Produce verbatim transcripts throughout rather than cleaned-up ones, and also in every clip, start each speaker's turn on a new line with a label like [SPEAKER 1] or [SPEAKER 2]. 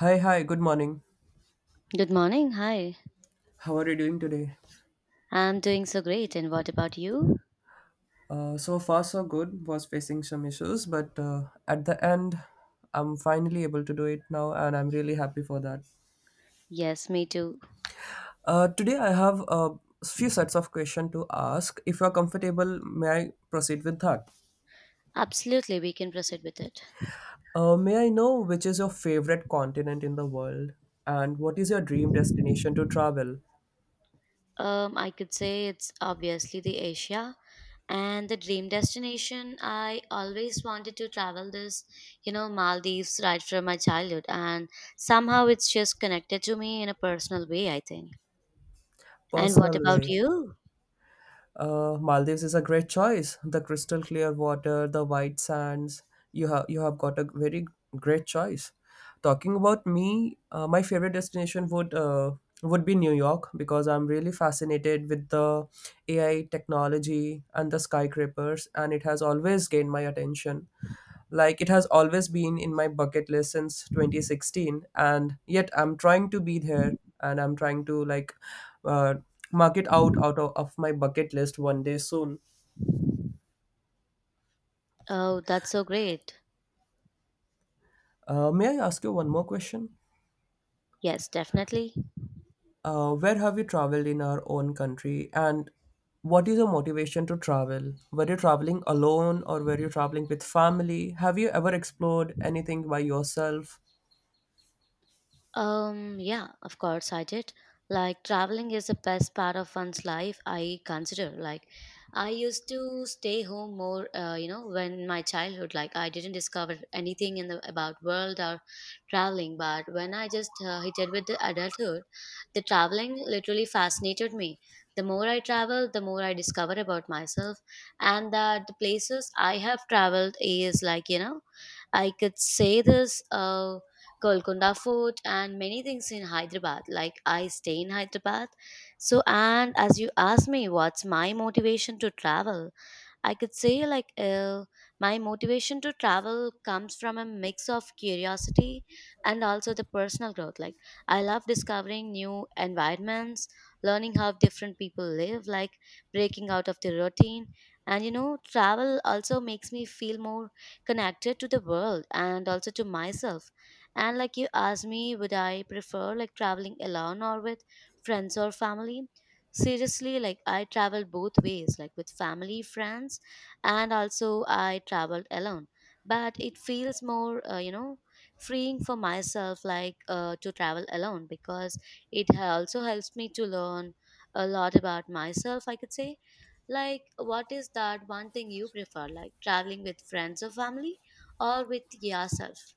[SPEAKER 1] Hi, hi, good morning.
[SPEAKER 2] Good morning. Hi.
[SPEAKER 1] How are you doing today?
[SPEAKER 2] I'm doing so great. And what about you?
[SPEAKER 1] Uh, so far, so good. Was facing some issues, but uh, At the end, I'm finally able to do it now, and I'm really happy for that.
[SPEAKER 2] Yes, me too.
[SPEAKER 1] Uh, today, I have a few sets of questions to ask. If you're comfortable, may I proceed with that?
[SPEAKER 2] Absolutely, we can proceed with it.
[SPEAKER 1] Uh, may I know which is your favorite continent in the world, and what is your dream destination to travel?
[SPEAKER 2] Um, I could say it's obviously the Asia and the dream destination. I always wanted to travel this, you know, Maldives right from my childhood, and somehow it's just connected to me in a personal way, I think. And what
[SPEAKER 1] Personal
[SPEAKER 2] about
[SPEAKER 1] way.
[SPEAKER 2] you?
[SPEAKER 1] Uh, Maldives is a great choice. The crystal clear water, the white sands. You have you have got a very great choice. Talking about me, uh, my favorite destination would uh, would be New York because I'm really fascinated with the A I technology and the skyscrapers, and it has always gained my attention. Like it has always been in my bucket list since twenty sixteen, and yet I'm trying to be there and I'm trying to like uh, mark it out out of, of my bucket list one day soon.
[SPEAKER 2] Oh, that's so great.
[SPEAKER 1] Uh, may I ask you one more question?
[SPEAKER 2] Yes, definitely.
[SPEAKER 1] Uh, where have you traveled in our own country, and what is your motivation to travel? Were you traveling alone or were you traveling with family? Have you ever explored anything by yourself?
[SPEAKER 2] Um, yeah, of course I did. Like traveling is the best part of one's life, I consider. Like I used to stay home more, uh, you know, when my childhood, like I didn't discover anything in the about world or traveling, but when I just uh, hit it with the adulthood, the traveling literally fascinated me. The more I travel, the more I discover about myself, and that the places I have traveled is like, you know, I could say this. Uh, Golconda Fort, and many things in Hyderabad. Like I stay in Hyderabad. So, and as you asked me, what's my motivation to travel? I could say like uh, my motivation to travel comes from a mix of curiosity and also the personal growth. Like I love discovering new environments, learning how different people live, like breaking out of the routine. And you know, travel also makes me feel more connected to the world and also to myself. And like you asked me, would I prefer like traveling alone or with friends or family? Seriously, like I travel both ways, like with family, friends, and also I traveled alone. But it feels more, uh, you know, freeing for myself, like uh, to travel alone because it ha- also helps me to learn a lot about myself, I could say. Like, what is that one thing you prefer, like traveling with friends or family or with yourself?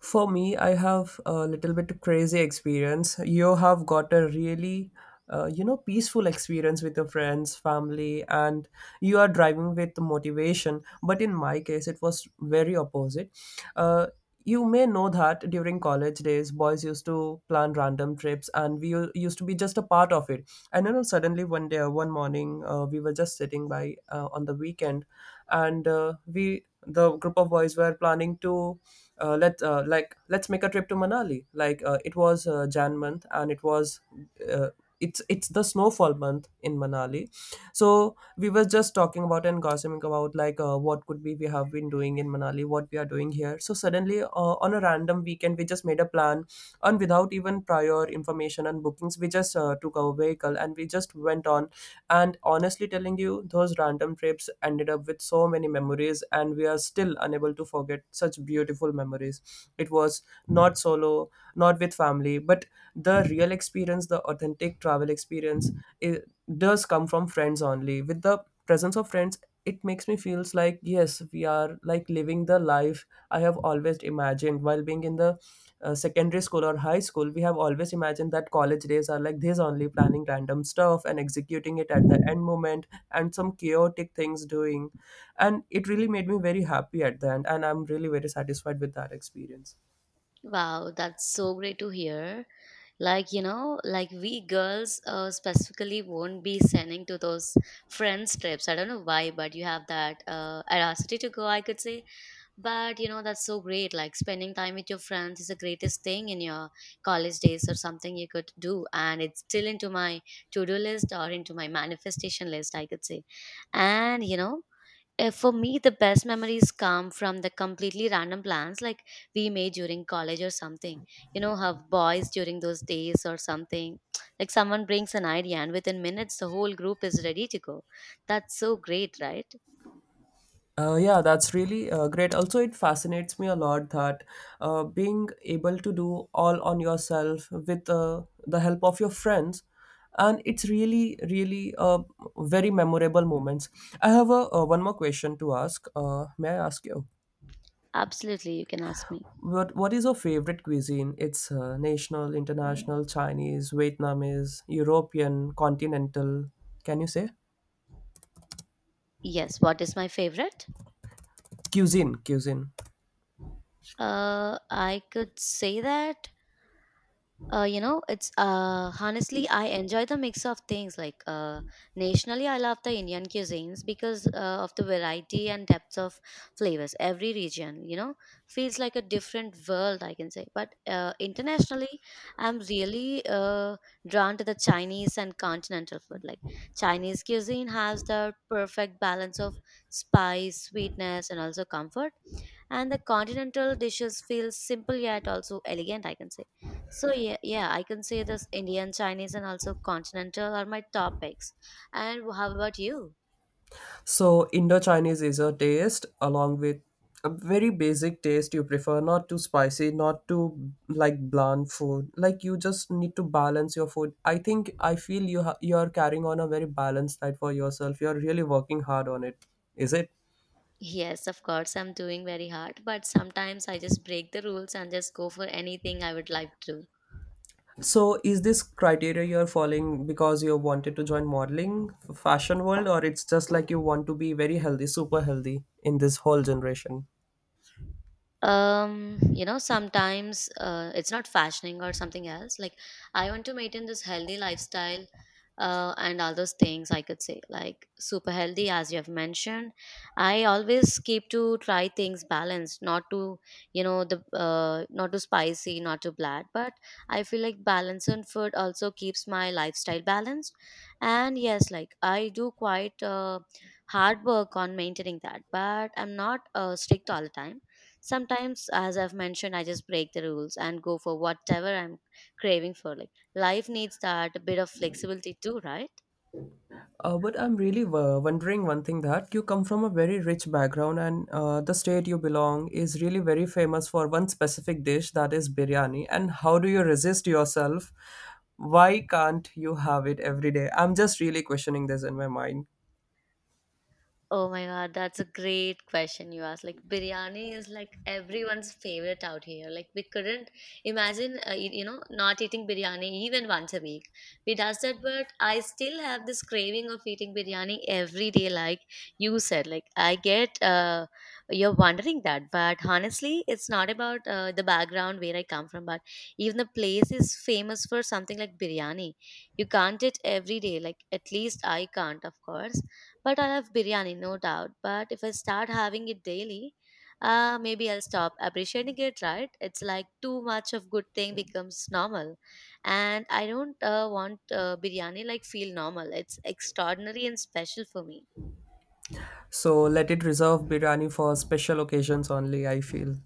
[SPEAKER 1] For me, I have a little bit crazy experience. You have got a really, uh, you know, peaceful experience with your friends, family, and you are driving with motivation. But in my case, it was very opposite. Uh, you may know that during college days, boys used to plan random trips, and we u- used to be just a part of it. And you know, suddenly one day, one morning, uh, we were just sitting by uh, on the weekend, and uh, we, the group of boys, were planning to uh, let uh, like let's make a trip to Manali. Like uh, it was uh, Jan month, and it was uh, it's it's the snowfall month in Manali. So we were just talking about and gossiping about like uh, what could be we have been doing in Manali, what we are doing here. So suddenly uh, on a random weekend, we just made a plan, and without even prior information and bookings, we just uh, took our vehicle and we just went on and honestly telling you, those random trips ended up with so many memories, and we are still unable to forget such beautiful memories. It was not solo, not with family, but the real experience, the authentic travel experience, it does come from friends only. With the presence of friends, it makes me feels like yes we are like living the life I have always imagined while being in the uh, secondary school or high school. We have always imagined that college days are like this only, planning random stuff and executing it at the end moment and some chaotic things doing. And it really made me very happy at the end. And I'm really very satisfied with that experience.
[SPEAKER 2] Wow, that's so great to hear. Like, you know, like we girls uh, specifically won't be sending to those friends trips. I don't know why, but you have that uh, audacity to go, I could say. But, you know, that's so great. Like, spending time with your friends is the greatest thing in your college days or something you could do. And it's still into my to do list or into my manifestation list, I could say. And, you know, uh, for me the best memories come from the completely random plans like we made during college or something, you know, have boys during those days or something like someone brings an idea and within minutes the whole group is ready to go. That's so great, right?
[SPEAKER 1] Uh, yeah, that's really uh, great. Also, it fascinates me a lot that uh, being able to do all on yourself with uh, the help of your friends, and it's really, really uh, very memorable moments. I have a, uh, one more question to ask. Uh, may I ask you?
[SPEAKER 2] Absolutely, you can ask me.
[SPEAKER 1] What What is your favorite cuisine? It's uh, national, international, Chinese, Vietnamese, European, continental. Can you say
[SPEAKER 2] Yes, what is my favorite?
[SPEAKER 1] cuisine? Cuisine.
[SPEAKER 2] uh I could say that, uh, you know, it's uh, honestly I enjoy the mix of things like, uh, nationally I love the Indian cuisines because uh, of the variety and depth of flavors. Every region, you know, feels like a different world, I can say. But uh, internationally I'm really uh, drawn to the Chinese and continental food. Like Chinese cuisine has the perfect balance of spice, sweetness, and also comfort, and the continental dishes feel simple yet also elegant, I can say. So yeah, yeah, I can say this. Indian, Chinese, and also continental are my topics. And how about you?
[SPEAKER 1] So, Indo Chinese is a taste along with a very basic taste you prefer, not too spicy, not too like bland food. Like, you just need to balance your food. I think I feel you ha- you're carrying on a very balanced diet for yourself. You're really working hard on it, is it?
[SPEAKER 2] Yes, of course, I'm doing very hard, but sometimes I just break the rules and just go for anything I would like to.
[SPEAKER 1] So, is this criteria you're following because you wanted to join modeling, fashion world, or it's just like you want to be very healthy, super healthy in this whole generation?
[SPEAKER 2] Um you know, sometimes uh, it's not fashioning or something else. Like I want to maintain this healthy lifestyle uh, and all those things, I could say, like super healthy, as you have mentioned. I always keep to try things balanced, not to, you know, the uh, not too spicy, not too bland. But I feel like balance in food also keeps my lifestyle balanced. And yes, like I do quite uh, hard work on maintaining that, but I'm not uh, strict all the time. Sometimes, as I've mentioned, I just break the rules and go for whatever I'm craving for. Like life needs that bit of flexibility too, right?
[SPEAKER 1] Uh, but I'm really uh, wondering one thing that you come from a very rich background, and uh, the state you belong is really very famous for one specific dish that is biryani. And how do you resist yourself? Why can't you have it every day? I'm just really questioning this in my mind.
[SPEAKER 2] Oh my god, that's a great question you asked. Like biryani is like everyone's favorite out here. Like we couldn't imagine, uh, you you know, not eating biryani even once a week. We does that, but I still have this craving of eating biryani every day. Like you said, like I get, uh, you're wondering that, but honestly, it's not about uh, the background where I come from, but even the place is famous for something like biryani. You can't eat every day. Like at least I can't, of course, but I love biryani, no doubt. But if I start having it daily, uh, maybe I'll stop appreciating it, right? It's like too much of good thing becomes normal. And I don't uh, want uh, biryani like feel normal. It's extraordinary and special for me.
[SPEAKER 1] So let it reserve biryani for special occasions only, I feel.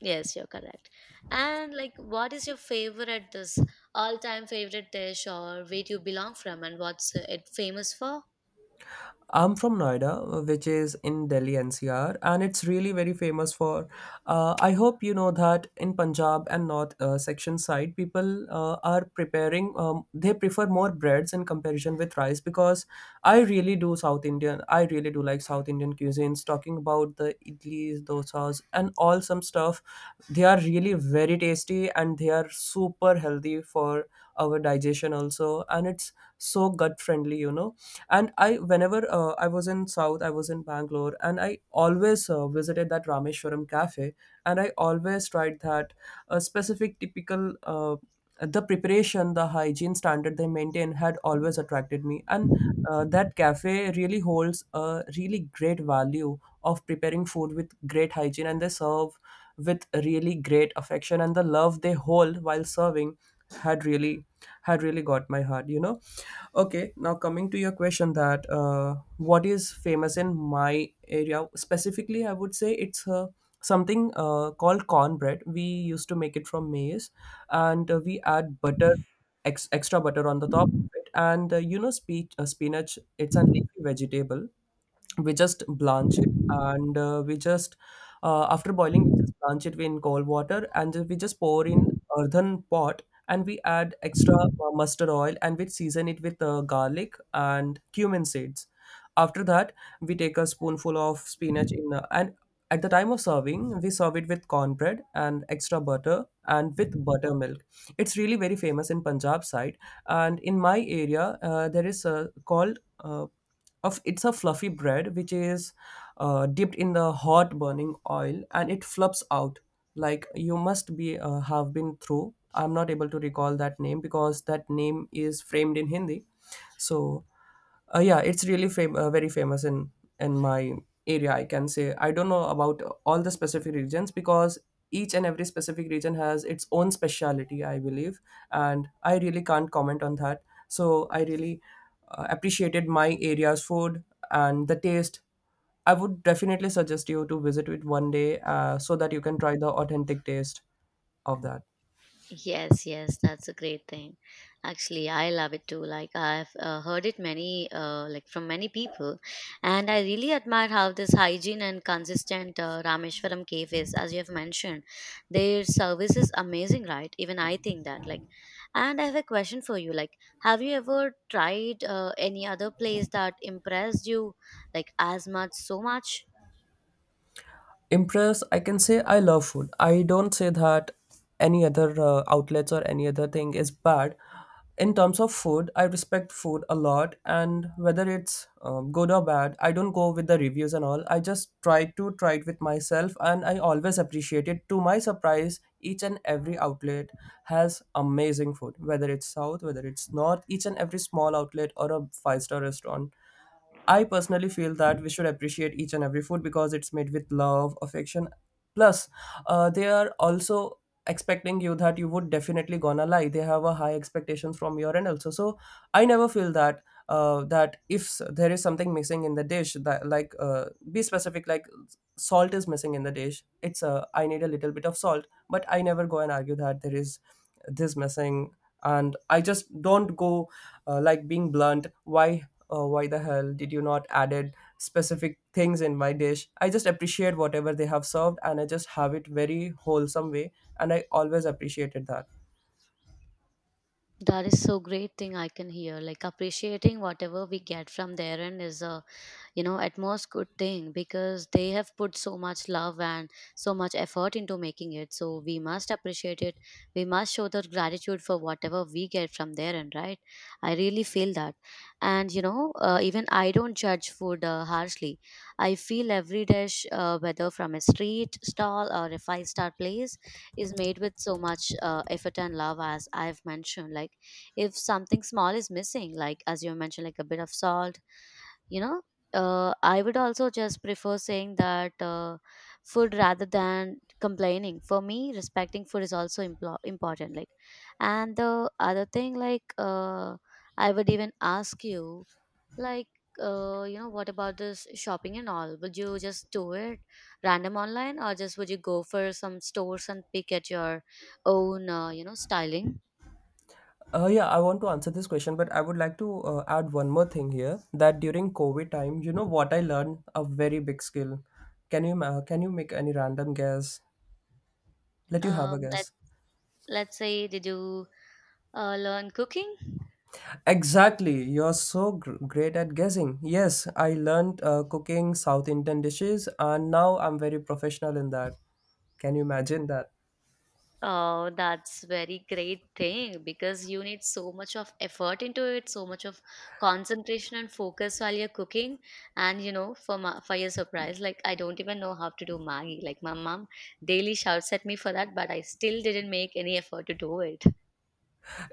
[SPEAKER 2] Yes, you're correct. And like, what is your favorite, this all-time favorite dish, or where do you belong from and what's it famous for?
[SPEAKER 1] I'm from Noida, which is in Delhi N C R, and it's really very famous for. Uh, I hope you know that in Punjab and North uh, section side, people uh, are preparing. Um, they prefer more breads in comparison with rice because I really do South Indian. I really do like South Indian cuisines. Talking about the idlis, dosas, and all some stuff, they are really very tasty and they are super healthy for our digestion also, and it's so gut friendly, you know. And I, whenever uh, I was in South, I was in Bangalore, and I always uh, visited that Rameshwaram Cafe, and I always tried that uh, specific typical uh, the preparation, the hygiene standard they maintain had always attracted me. And uh, that cafe really holds a really great value of preparing food with great hygiene, and they serve with really great affection, and the love they hold while serving had really had really got my heart, you know. Okay, now coming to your question that uh, what is famous in my area specifically, I would say it's uh, something uh, called cornbread. We used to make it from maize, and uh, we add butter, ex- extra butter on the top of it. And uh, you know, spe- uh, spinach. It's a leafy vegetable, we just blanch it and uh, we just uh, after boiling we just blanch it in cold water, and we just pour in earthen pot, and we add extra uh, mustard oil, and we season it with uh, garlic and cumin seeds. After that, we take a spoonful of spinach in uh, and at the time of serving we serve it with cornbread and extra butter and with buttermilk. It's really very famous in Punjab side. And in my area, uh, there is a called uh, of it's a fluffy bread which is uh, dipped in the hot burning oil and it fluffs out. Like, you must be uh, have been through. I'm not able to recall that name because that name is framed in Hindi. So uh, yeah, it's really fam- uh, very famous in in my area, I can say. I don't know about all the specific regions because each and every specific region has its own speciality, I believe. And I really can't comment on that. So I really uh, appreciated my area's food and the taste. I would definitely suggest you to visit it one day uh, so that you can try the authentic taste of that.
[SPEAKER 2] Yes, yes, that's a great thing. Actually, I love it too. Like I've uh, heard it many, uh, like from many people, and I really admire how this hygiene and consistent uh, Rameshwaram cave is. As you have mentioned, their service is amazing, right? Even I think that. Like, and I have a question for you. Like, have you ever tried uh, any other place that impressed you, like as much, so much?
[SPEAKER 1] Impress, I can say, I love food. I don't say that any other uh, outlets or any other thing is bad. In terms of food, I respect food a lot, and whether it's um, good or bad, I don't go with the reviews and all. I just try to try it with myself, and I always appreciate it. To my surprise, each and every outlet has amazing food, whether it's South, whether it's North, each and every small outlet or a five star restaurant. I personally feel that we should appreciate each and every food because it's made with love, affection. Plus, uh, they are also expecting you that you would definitely gonna lie. They have a high expectations from your end also. So I never feel that uh, that if s- there is something missing in the dish, that like uh, be specific, like salt is missing in the dish. It's uh, I need a little bit of salt, but I never go and argue that there is this missing. And I just don't go uh, like being blunt. Why oh why the hell did you not added specific things in my dish. I just appreciate whatever they have served, and I just have it very wholesome way, and I always appreciated that.
[SPEAKER 2] That is so great thing I can hear. Like appreciating whatever we get from their end is a, you know, at most good thing because they have put so much love and so much effort into making it, so we must appreciate it. We must show the gratitude for whatever we get from there, and right, I really feel that. And you know, uh, even I don't judge food uh, harshly. I feel every dish, uh, whether from a street stall or a five star place, is made with so much uh, effort and love, as I've mentioned. Like if something small is missing, like as you mentioned, like a bit of salt, you know, uh, I would also just prefer saying that, uh, food rather than complaining. For me, respecting food is also impl- important. Like, and the other thing, like, uh, I would even ask you, like, uh, you know, what about this shopping and all? Would you just do it random online, or just would you go for some stores and pick at your own, uh, you know, styling?
[SPEAKER 1] Uh, yeah, I want to answer this question, but I would like to uh, add one more thing here, that during COVID time, you know what I learned a very big skill. Can you ma- can you make any random guess? Let you have a
[SPEAKER 2] Um, let
[SPEAKER 1] guess.
[SPEAKER 2] let's say, did you uh, learn cooking?
[SPEAKER 1] Exactly, you're so gr- great at guessing. Yes, I learned uh, cooking South Indian dishes, and now I'm very professional in that. Can you imagine that?
[SPEAKER 2] Oh, that's very great thing because you need so much of effort into it, so much of concentration and focus while you're cooking. And you know, for my, for your surprise, like I don't even know how to do Maggie. Like my mom daily shouts at me for that, but I still didn't make any effort to do it.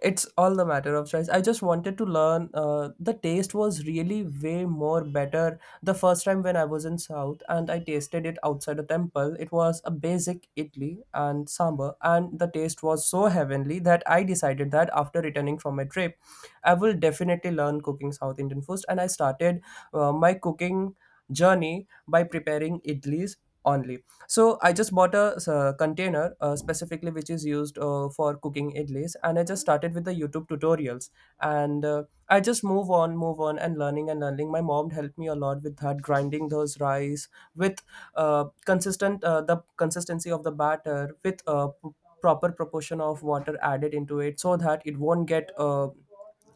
[SPEAKER 1] It's all the matter of choice. I just wanted to learn. Uh, the taste was really way more better the first time when I was in South and I tasted it outside a temple. It was a basic idli and sambar, and the taste was so heavenly that I decided that after returning from my trip, I will definitely learn cooking South Indian foods. And I started uh, my cooking journey by preparing idlis only. So I just bought a uh container, uh, specifically which is used uh, for cooking idlis, and I just started with the YouTube tutorials, and uh, I just move on, move on, and learning and learning. My mom helped me a lot with that, grinding those rice with uh, consistent, uh, the consistency of the batter with uh, p- proper proportion of water added into it, so that it won't get uh,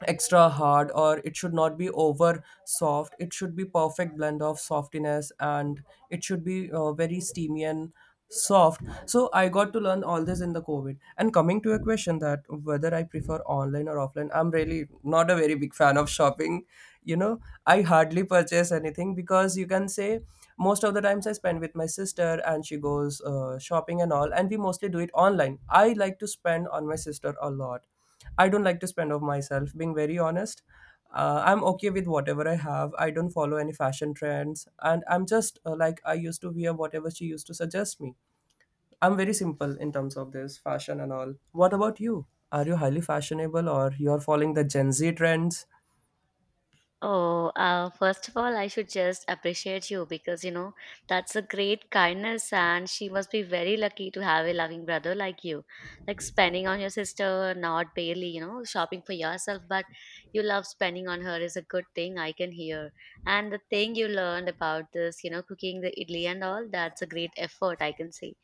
[SPEAKER 1] extra hard, or it should not be over soft. It should be perfect blend of softiness, and it should be uh, very steamy and soft. So I got to learn all this in the COVID. And coming to a question that whether I prefer online or offline, I'm really not a very big fan of shopping you know I hardly purchase anything because, you can say, most of the times I spend with my sister, and she goes uh, shopping and all, and we mostly do it online. I like to spend on my sister a lot. I don't like to spend of myself, being very honest. Uh, I'm okay with whatever I have. I don't follow any fashion trends. And I'm just uh, like, I used to wear whatever she used to suggest me. I'm very simple in terms of this fashion and all. What about you? Are you highly fashionable, or you're following the Gen Z trends?
[SPEAKER 2] Oh, uh, first of all, I should just appreciate you because you know that's a great kindness, and she must be very lucky to have a loving brother like you. Like spending on your sister, not barely, you know, shopping for yourself, but you love spending on her is a good thing I can hear. And the thing you learned about this, you know, cooking the idli and all, that's a great effort I can see.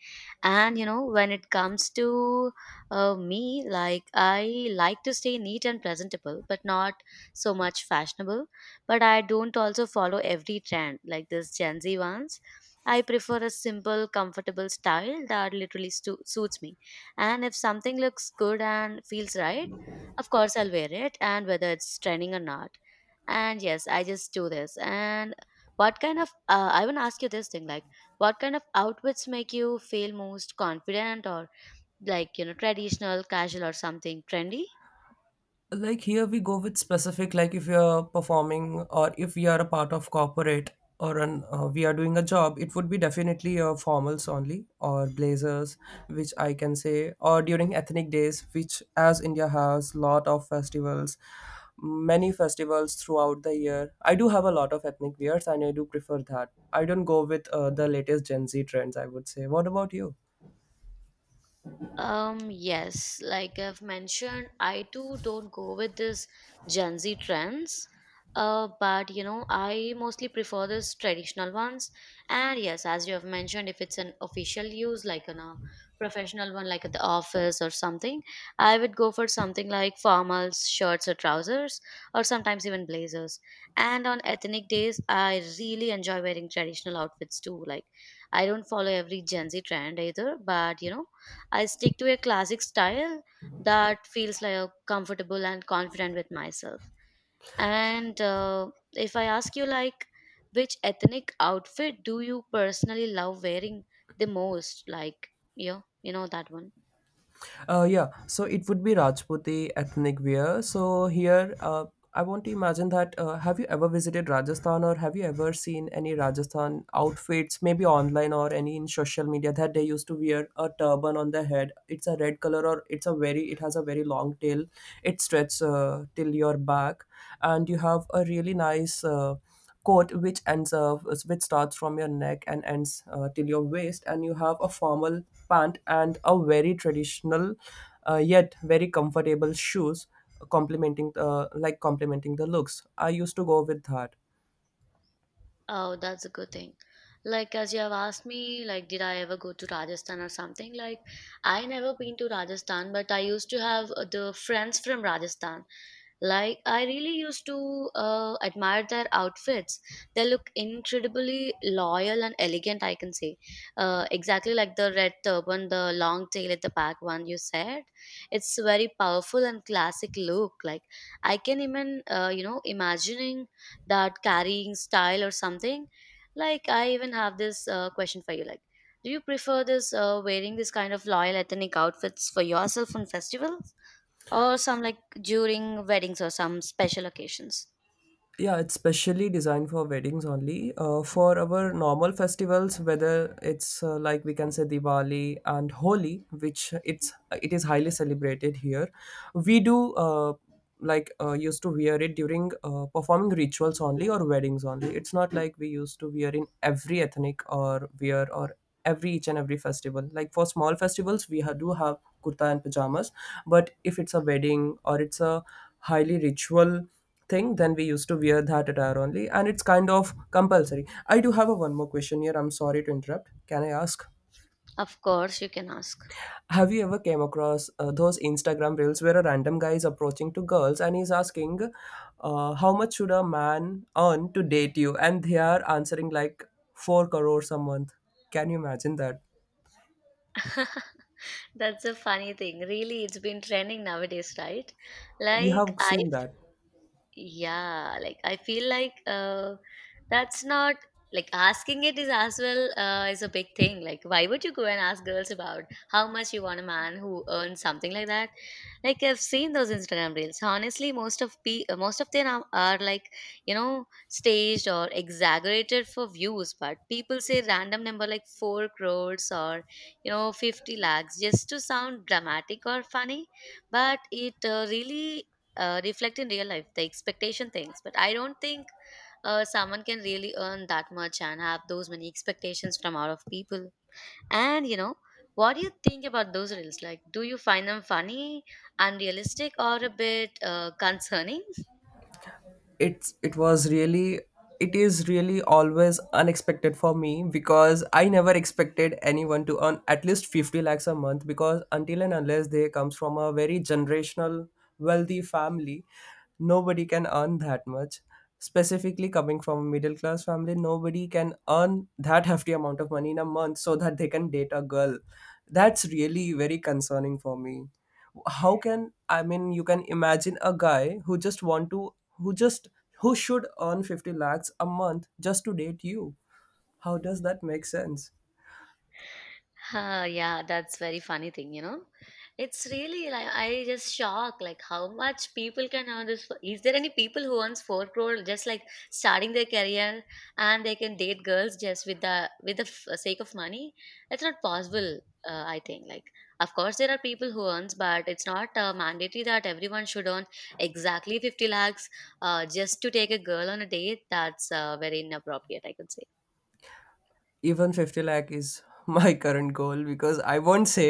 [SPEAKER 2] And you know, when it comes to uh, me, like I like to stay neat and presentable, but not so much fashionable, but I don't also follow every trend like this Gen Z ones. I prefer a simple, comfortable style that literally stu- suits me. And if something looks good and feels right, of course I'll wear it, and whether it's trending or not. And yes, I just do this. And what kind of uh, I want to ask you this thing, like what kind of outfits make you feel most confident, or like, you know, traditional, casual, or something trendy?
[SPEAKER 1] Like, here we go with specific. Like, if you're performing, or if we are a part of corporate, or an uh, we are doing a job, it would be definitely uh, formals only, or blazers, which I can say. Or during ethnic days, which, as India has lot of festivals, many festivals throughout the year, I do have a lot of ethnic wears and I do prefer that. I don't go with uh, the latest Gen Z trends, I would say. What about you?
[SPEAKER 2] Um, yes, like I've mentioned, I too don't go with this Gen Z trends. Uh, but you know, I mostly prefer this traditional ones. And yes, as you have mentioned, if it's an official use, like an a professional one, like at the office or something, I would go for something like formals, shirts or trousers, or sometimes even blazers. And on ethnic days, I really enjoy wearing traditional outfits too. Like I don't follow every Gen Z trend either, but you know, I stick to a classic style that feels like comfortable and confident with myself. And uh, if I ask you, like, which ethnic outfit do you personally love wearing the most? Like, yeah, you know that one.
[SPEAKER 1] Uh, yeah, so it would be Rajputi ethnic wear. So here, uh, I want to imagine that. Uh, have you ever visited Rajasthan, or have you ever seen any Rajasthan outfits, maybe online or any in social media, that they used to wear a turban on their head? It's a red color, or it's a very, it has a very long tail. It stretches uh, till your back, and you have a really nice. Uh, coat which ends uh, which starts from your neck and ends uh, till your waist, and you have a formal pant, and a very traditional, uh, yet very comfortable shoes complementing, uh, like complementing the looks. I used to go with that.
[SPEAKER 2] Oh, that's a good thing. Like, as you have asked me, like, did I ever go to Rajasthan or something? Like, I never been to Rajasthan, but I used to have uh, the friends from Rajasthan. Like, I really used to uh, admire their outfits. They look incredibly loyal and elegant, I can say. Uh, exactly like the red turban, the long tail at the back one you said. It's very powerful and classic look. Like, I can even, uh, you know, imagining that carrying style or something. Like, I even have this uh, question for you. Like, do you prefer this uh, wearing this kind of loyal ethnic outfits for yourself on festivals, or some like during weddings or some special occasions?
[SPEAKER 1] Yeah, it's specially designed for weddings only. Uh, for our normal festivals, whether it's, uh, like, we can say, Diwali and Holi, which it's, it is highly celebrated here, we do, uh, like uh, used to wear it during uh, performing rituals only, or weddings only. It's not like we used to wear in every ethnic or wear, or every each and every festival. Like, for small festivals, we ha- do have kurta and pajamas. But if it's a wedding, or it's a highly ritual thing, then we used to wear that attire only, and it's kind of compulsory. I do have a one more question here. I'm sorry to interrupt, can I ask,
[SPEAKER 2] Of course, you can ask.
[SPEAKER 1] have you ever came across uh, those Instagram reels where a random guy is approaching to girls and he's asking, uh, how much should a man earn to date you, and they are answering like four crores a month? Can you imagine that?
[SPEAKER 2] That's a funny thing. Really, it's been trending nowadays, right?
[SPEAKER 1] You
[SPEAKER 2] Like,
[SPEAKER 1] have
[SPEAKER 2] I
[SPEAKER 1] seen that?
[SPEAKER 2] Yeah, like I feel like uh, that's not like asking it is as well uh, is a big thing. Like, why would you go and ask girls about how much you want a man who earns something like that? Like, I've seen those Instagram reels. Honestly, most of pe- uh, most of them are, are like, you know, staged or exaggerated for views, but people say random number like four crores or, you know, fifty lakhs just to sound dramatic or funny, but it uh, really uh, reflect in real life the expectation things. But I don't think uh, someone can really earn that much and have those many expectations from out of people. And, you know, what do you think about those reels? Like, do you find them funny, unrealistic, or a bit uh, concerning?
[SPEAKER 1] It's it was really, it is really always unexpected for me, because I never expected anyone to earn at least fifty lakhs a month. Because until and unless they comes from a very generational wealthy family, nobody can earn that much, specifically coming from a middle class family. Nobody can earn that hefty amount of money in a month, so that they can date a girl. That's really very concerning for me. How can, I mean, you can imagine a guy who just want to, who just, who should earn fifty lakhs a month just to date you? How does that make sense?
[SPEAKER 2] Huh, yeah, that's very funny thing, you know. It's really like I just shocked like how much people can earn this. fo- Is there any people who earns four crore just like starting their career and they can date girls just with the with the f- sake of money? It's not possible. Uh, I think like of course there are people who earns, but it's not uh, mandatory that everyone should earn exactly fifty lakhs uh, just to take a girl on a date. That's uh, very inappropriate, I could say.
[SPEAKER 1] Even fifty lakh is my current goal, because I won't say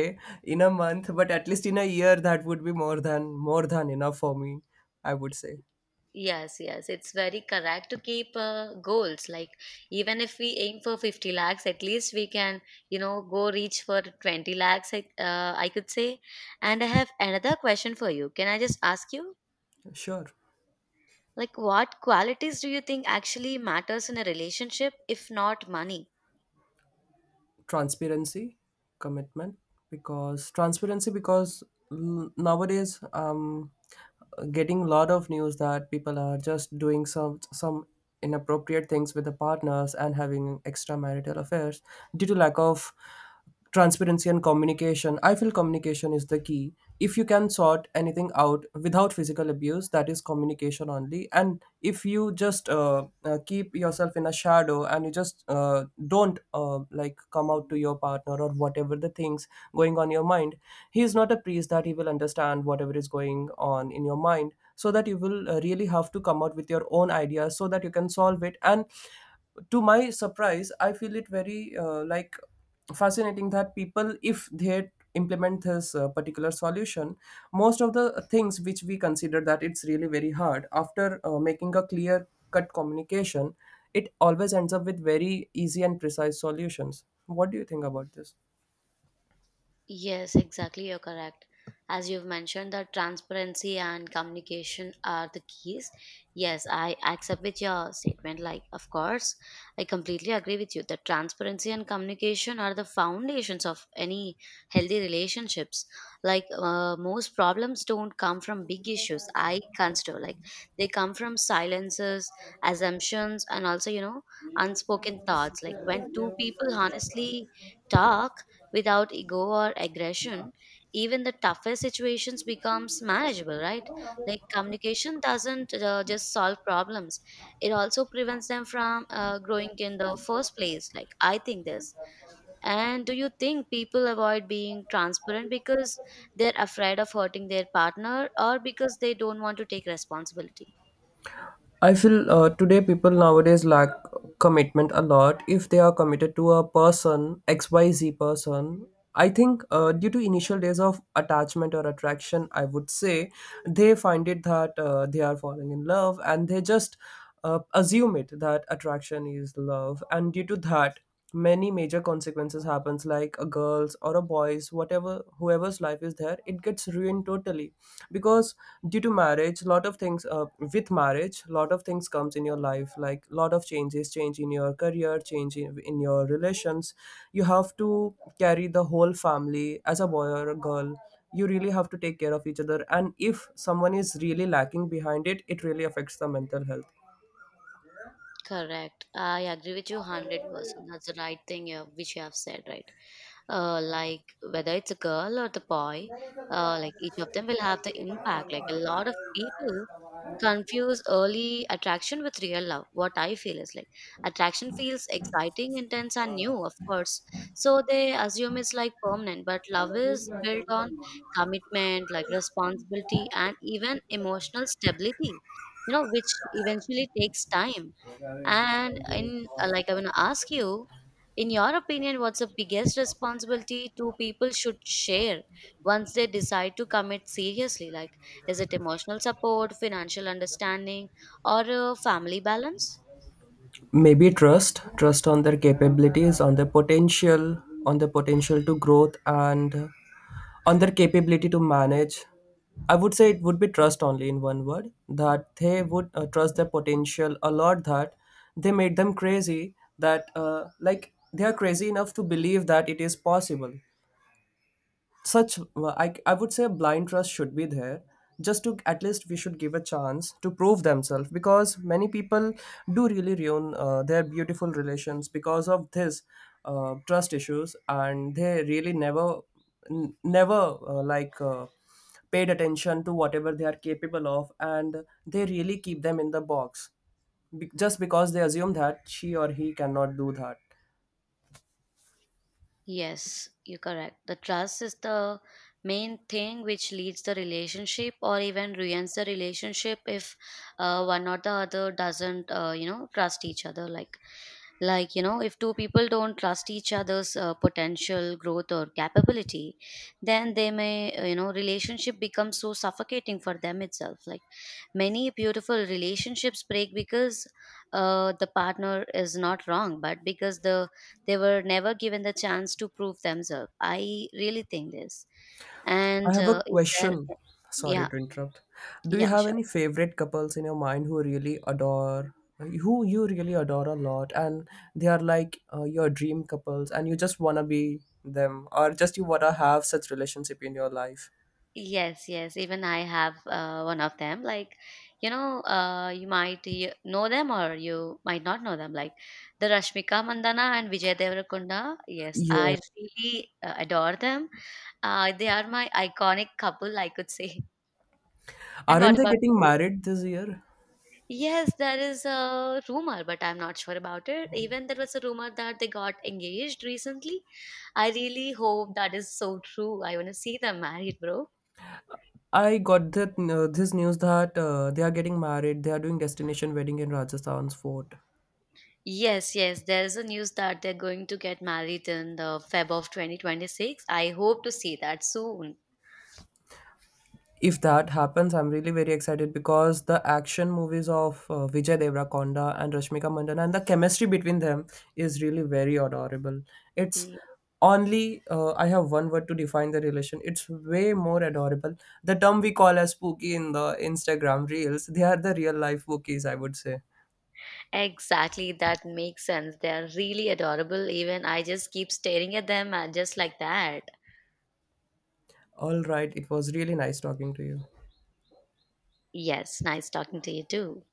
[SPEAKER 1] in a month, but at least in a year, that would be more than more than enough for me, I would say.
[SPEAKER 2] Yes, yes, it's very correct to keep uh, goals. Like, even if we aim for fifty lakhs, at least we can, you know, go reach for twenty lakhs, I- uh, I could say. And I have another question for you. Can I just ask you?
[SPEAKER 1] Sure.
[SPEAKER 2] Like, what qualities do you think actually matters in a relationship if not money?
[SPEAKER 1] Transparency, commitment. Because transparency, because, l- nowadays, um getting a lot of news that people are just doing some some inappropriate things with the partners, and having extramarital affairs due to lack of transparency and communication. I feel communication is the key. If you can sort anything out without physical abuse, that is communication only. And if you just, uh, uh, keep yourself in a shadow, and you just uh, don't uh, like come out to your partner, or whatever the things going on your mind, he is not a priest that he will understand whatever is going on in your mind. So that you will uh, really have to come out with your own ideas, so that you can solve it. And to my surprise, I feel it very, uh, like, fascinating, that people, if they implement this uh, particular solution, most of the things which we consider that it's really very hard, after uh, making a clear cut communication, it always ends up with very easy and precise solutions. What do you think about this?
[SPEAKER 2] Yes, exactly. You're correct. As you've mentioned, that transparency and communication are the keys. Yes, I accept with your statement. Like, of course, I completely agree with you that transparency and communication are the foundations of any healthy relationships. Like, uh, most problems don't come from big issues. I consider like they come from silences, assumptions, and also, you know, unspoken thoughts. Like when two people honestly talk without ego or aggression, even the toughest situations becomes manageable, right? Like communication doesn't uh, just solve problems; it also prevents them from uh, growing in the first place. Like, I think this. And do you think people avoid being transparent because they're afraid of hurting their partner or because they don't want to take responsibility?
[SPEAKER 1] I feel uh, today people nowadays lack commitment a lot. If they are committed to a person, X Y Z person, I think, uh, due to initial days of attachment or attraction, I would say, they find it that uh, they are falling in love, and they just uh, assume it that attraction is love. And due to that, many major consequences happens. Like, a girl's or a boy's, whatever, whoever's life is there, it gets ruined totally. Because due to marriage, lot of things, uh, with marriage, lot of things comes in your life. Like, lot of changes, change in your career, change in, in your relations. You have to carry the whole family as a boy or a girl. You really have to take care of each other, and if someone is really lacking behind it, it really affects the mental health.
[SPEAKER 2] Correct. I agree with you one hundred percent. That's the right thing you have, which you have said, right? Uh, like, whether it's a girl or the boy, uh, like each of them will have the impact. Like a lot of people confuse early attraction with real love. What I feel is like attraction feels exciting, intense, and new, of course. So they assume it's like permanent, but love is built on commitment, like responsibility, and even emotional stability, you know, which eventually takes time. And in uh, like, I want to ask you, in your opinion, what's the biggest responsibility two people should share once they decide to commit seriously? Like, is it emotional support, financial understanding, or a family balance?
[SPEAKER 1] Maybe trust. Trust on their capabilities, on their potential, on their potential to growth, and on their capability to manage. I would say it would be trust only, in one word, that they would uh, trust their potential a lot. That they made them crazy. That uh, like, they are crazy enough to believe that it is possible. Such well, I, I would say a blind trust should be there, just to, at least we should give a chance to prove themselves. Because many people do really ruin uh, their beautiful relations because of this uh, trust issues. And they really never, n- never uh, like uh, paid attention to whatever they are capable of, and they really keep them in the box, be- just because they assume that she or he cannot do that.
[SPEAKER 2] Yes, you're correct. The trust is the main thing which leads the relationship or even ruins the relationship if uh, one or the other doesn't, uh, you know, trust each other. Like like you know, if two people don't trust each other's uh, potential growth or capability, then they may, uh, you know, relationship becomes so suffocating for them itself. Like, many beautiful relationships break because uh, the partner is not wrong, but because the they were never given the chance to prove themselves. I really think this.
[SPEAKER 1] I
[SPEAKER 2] And
[SPEAKER 1] have a
[SPEAKER 2] uh, is there—
[SPEAKER 1] question. Sorry
[SPEAKER 2] yeah.
[SPEAKER 1] to interrupt. Do you
[SPEAKER 2] Yeah,
[SPEAKER 1] have
[SPEAKER 2] sure.
[SPEAKER 1] any favorite couples in your mind who really adore, who you really adore a lot, and they are like uh, your dream couples, and you just wanna be them, or just you wanna have such relationship in your life?
[SPEAKER 2] Yes, yes. Even I have uh, one of them. Like, you know, uh, you might y- know them or you might not know them. Like the Rashmika Mandana and Vijay Deverakonda. Yes,
[SPEAKER 1] Yeah.
[SPEAKER 2] I really uh, adore them. Uh, they are my iconic couple, I could say. And
[SPEAKER 1] Aren't
[SPEAKER 2] what
[SPEAKER 1] they
[SPEAKER 2] about
[SPEAKER 1] getting
[SPEAKER 2] you?
[SPEAKER 1] married this year?
[SPEAKER 2] Yes, there is a rumor, but I'm not sure about it. Even there was a rumor that they got engaged recently. I really hope that is so true. I want to see them married, bro.
[SPEAKER 1] I got that uh, this news that uh, they are getting married. They are doing destination wedding in Rajasthan's fort.
[SPEAKER 2] Yes, yes. There's a news that they're going to get married in the Feb of twenty twenty-six. I hope to see that soon.
[SPEAKER 1] If that happens, I'm really very excited, because the action movies of uh, Vijay Devrakonda and Rashmika Mandanna, and the chemistry between them is really very adorable. It's
[SPEAKER 2] Yeah.
[SPEAKER 1] only, uh, I have one word to define the relation. It's way more adorable. The term we call as spooky in the Instagram reels, they are the real life bookies, I would say.
[SPEAKER 2] Exactly, that makes sense. They are really adorable. Even I just keep staring at them uh, just like that.
[SPEAKER 1] All right, it was really nice talking to you.
[SPEAKER 2] Yes, nice talking to you too.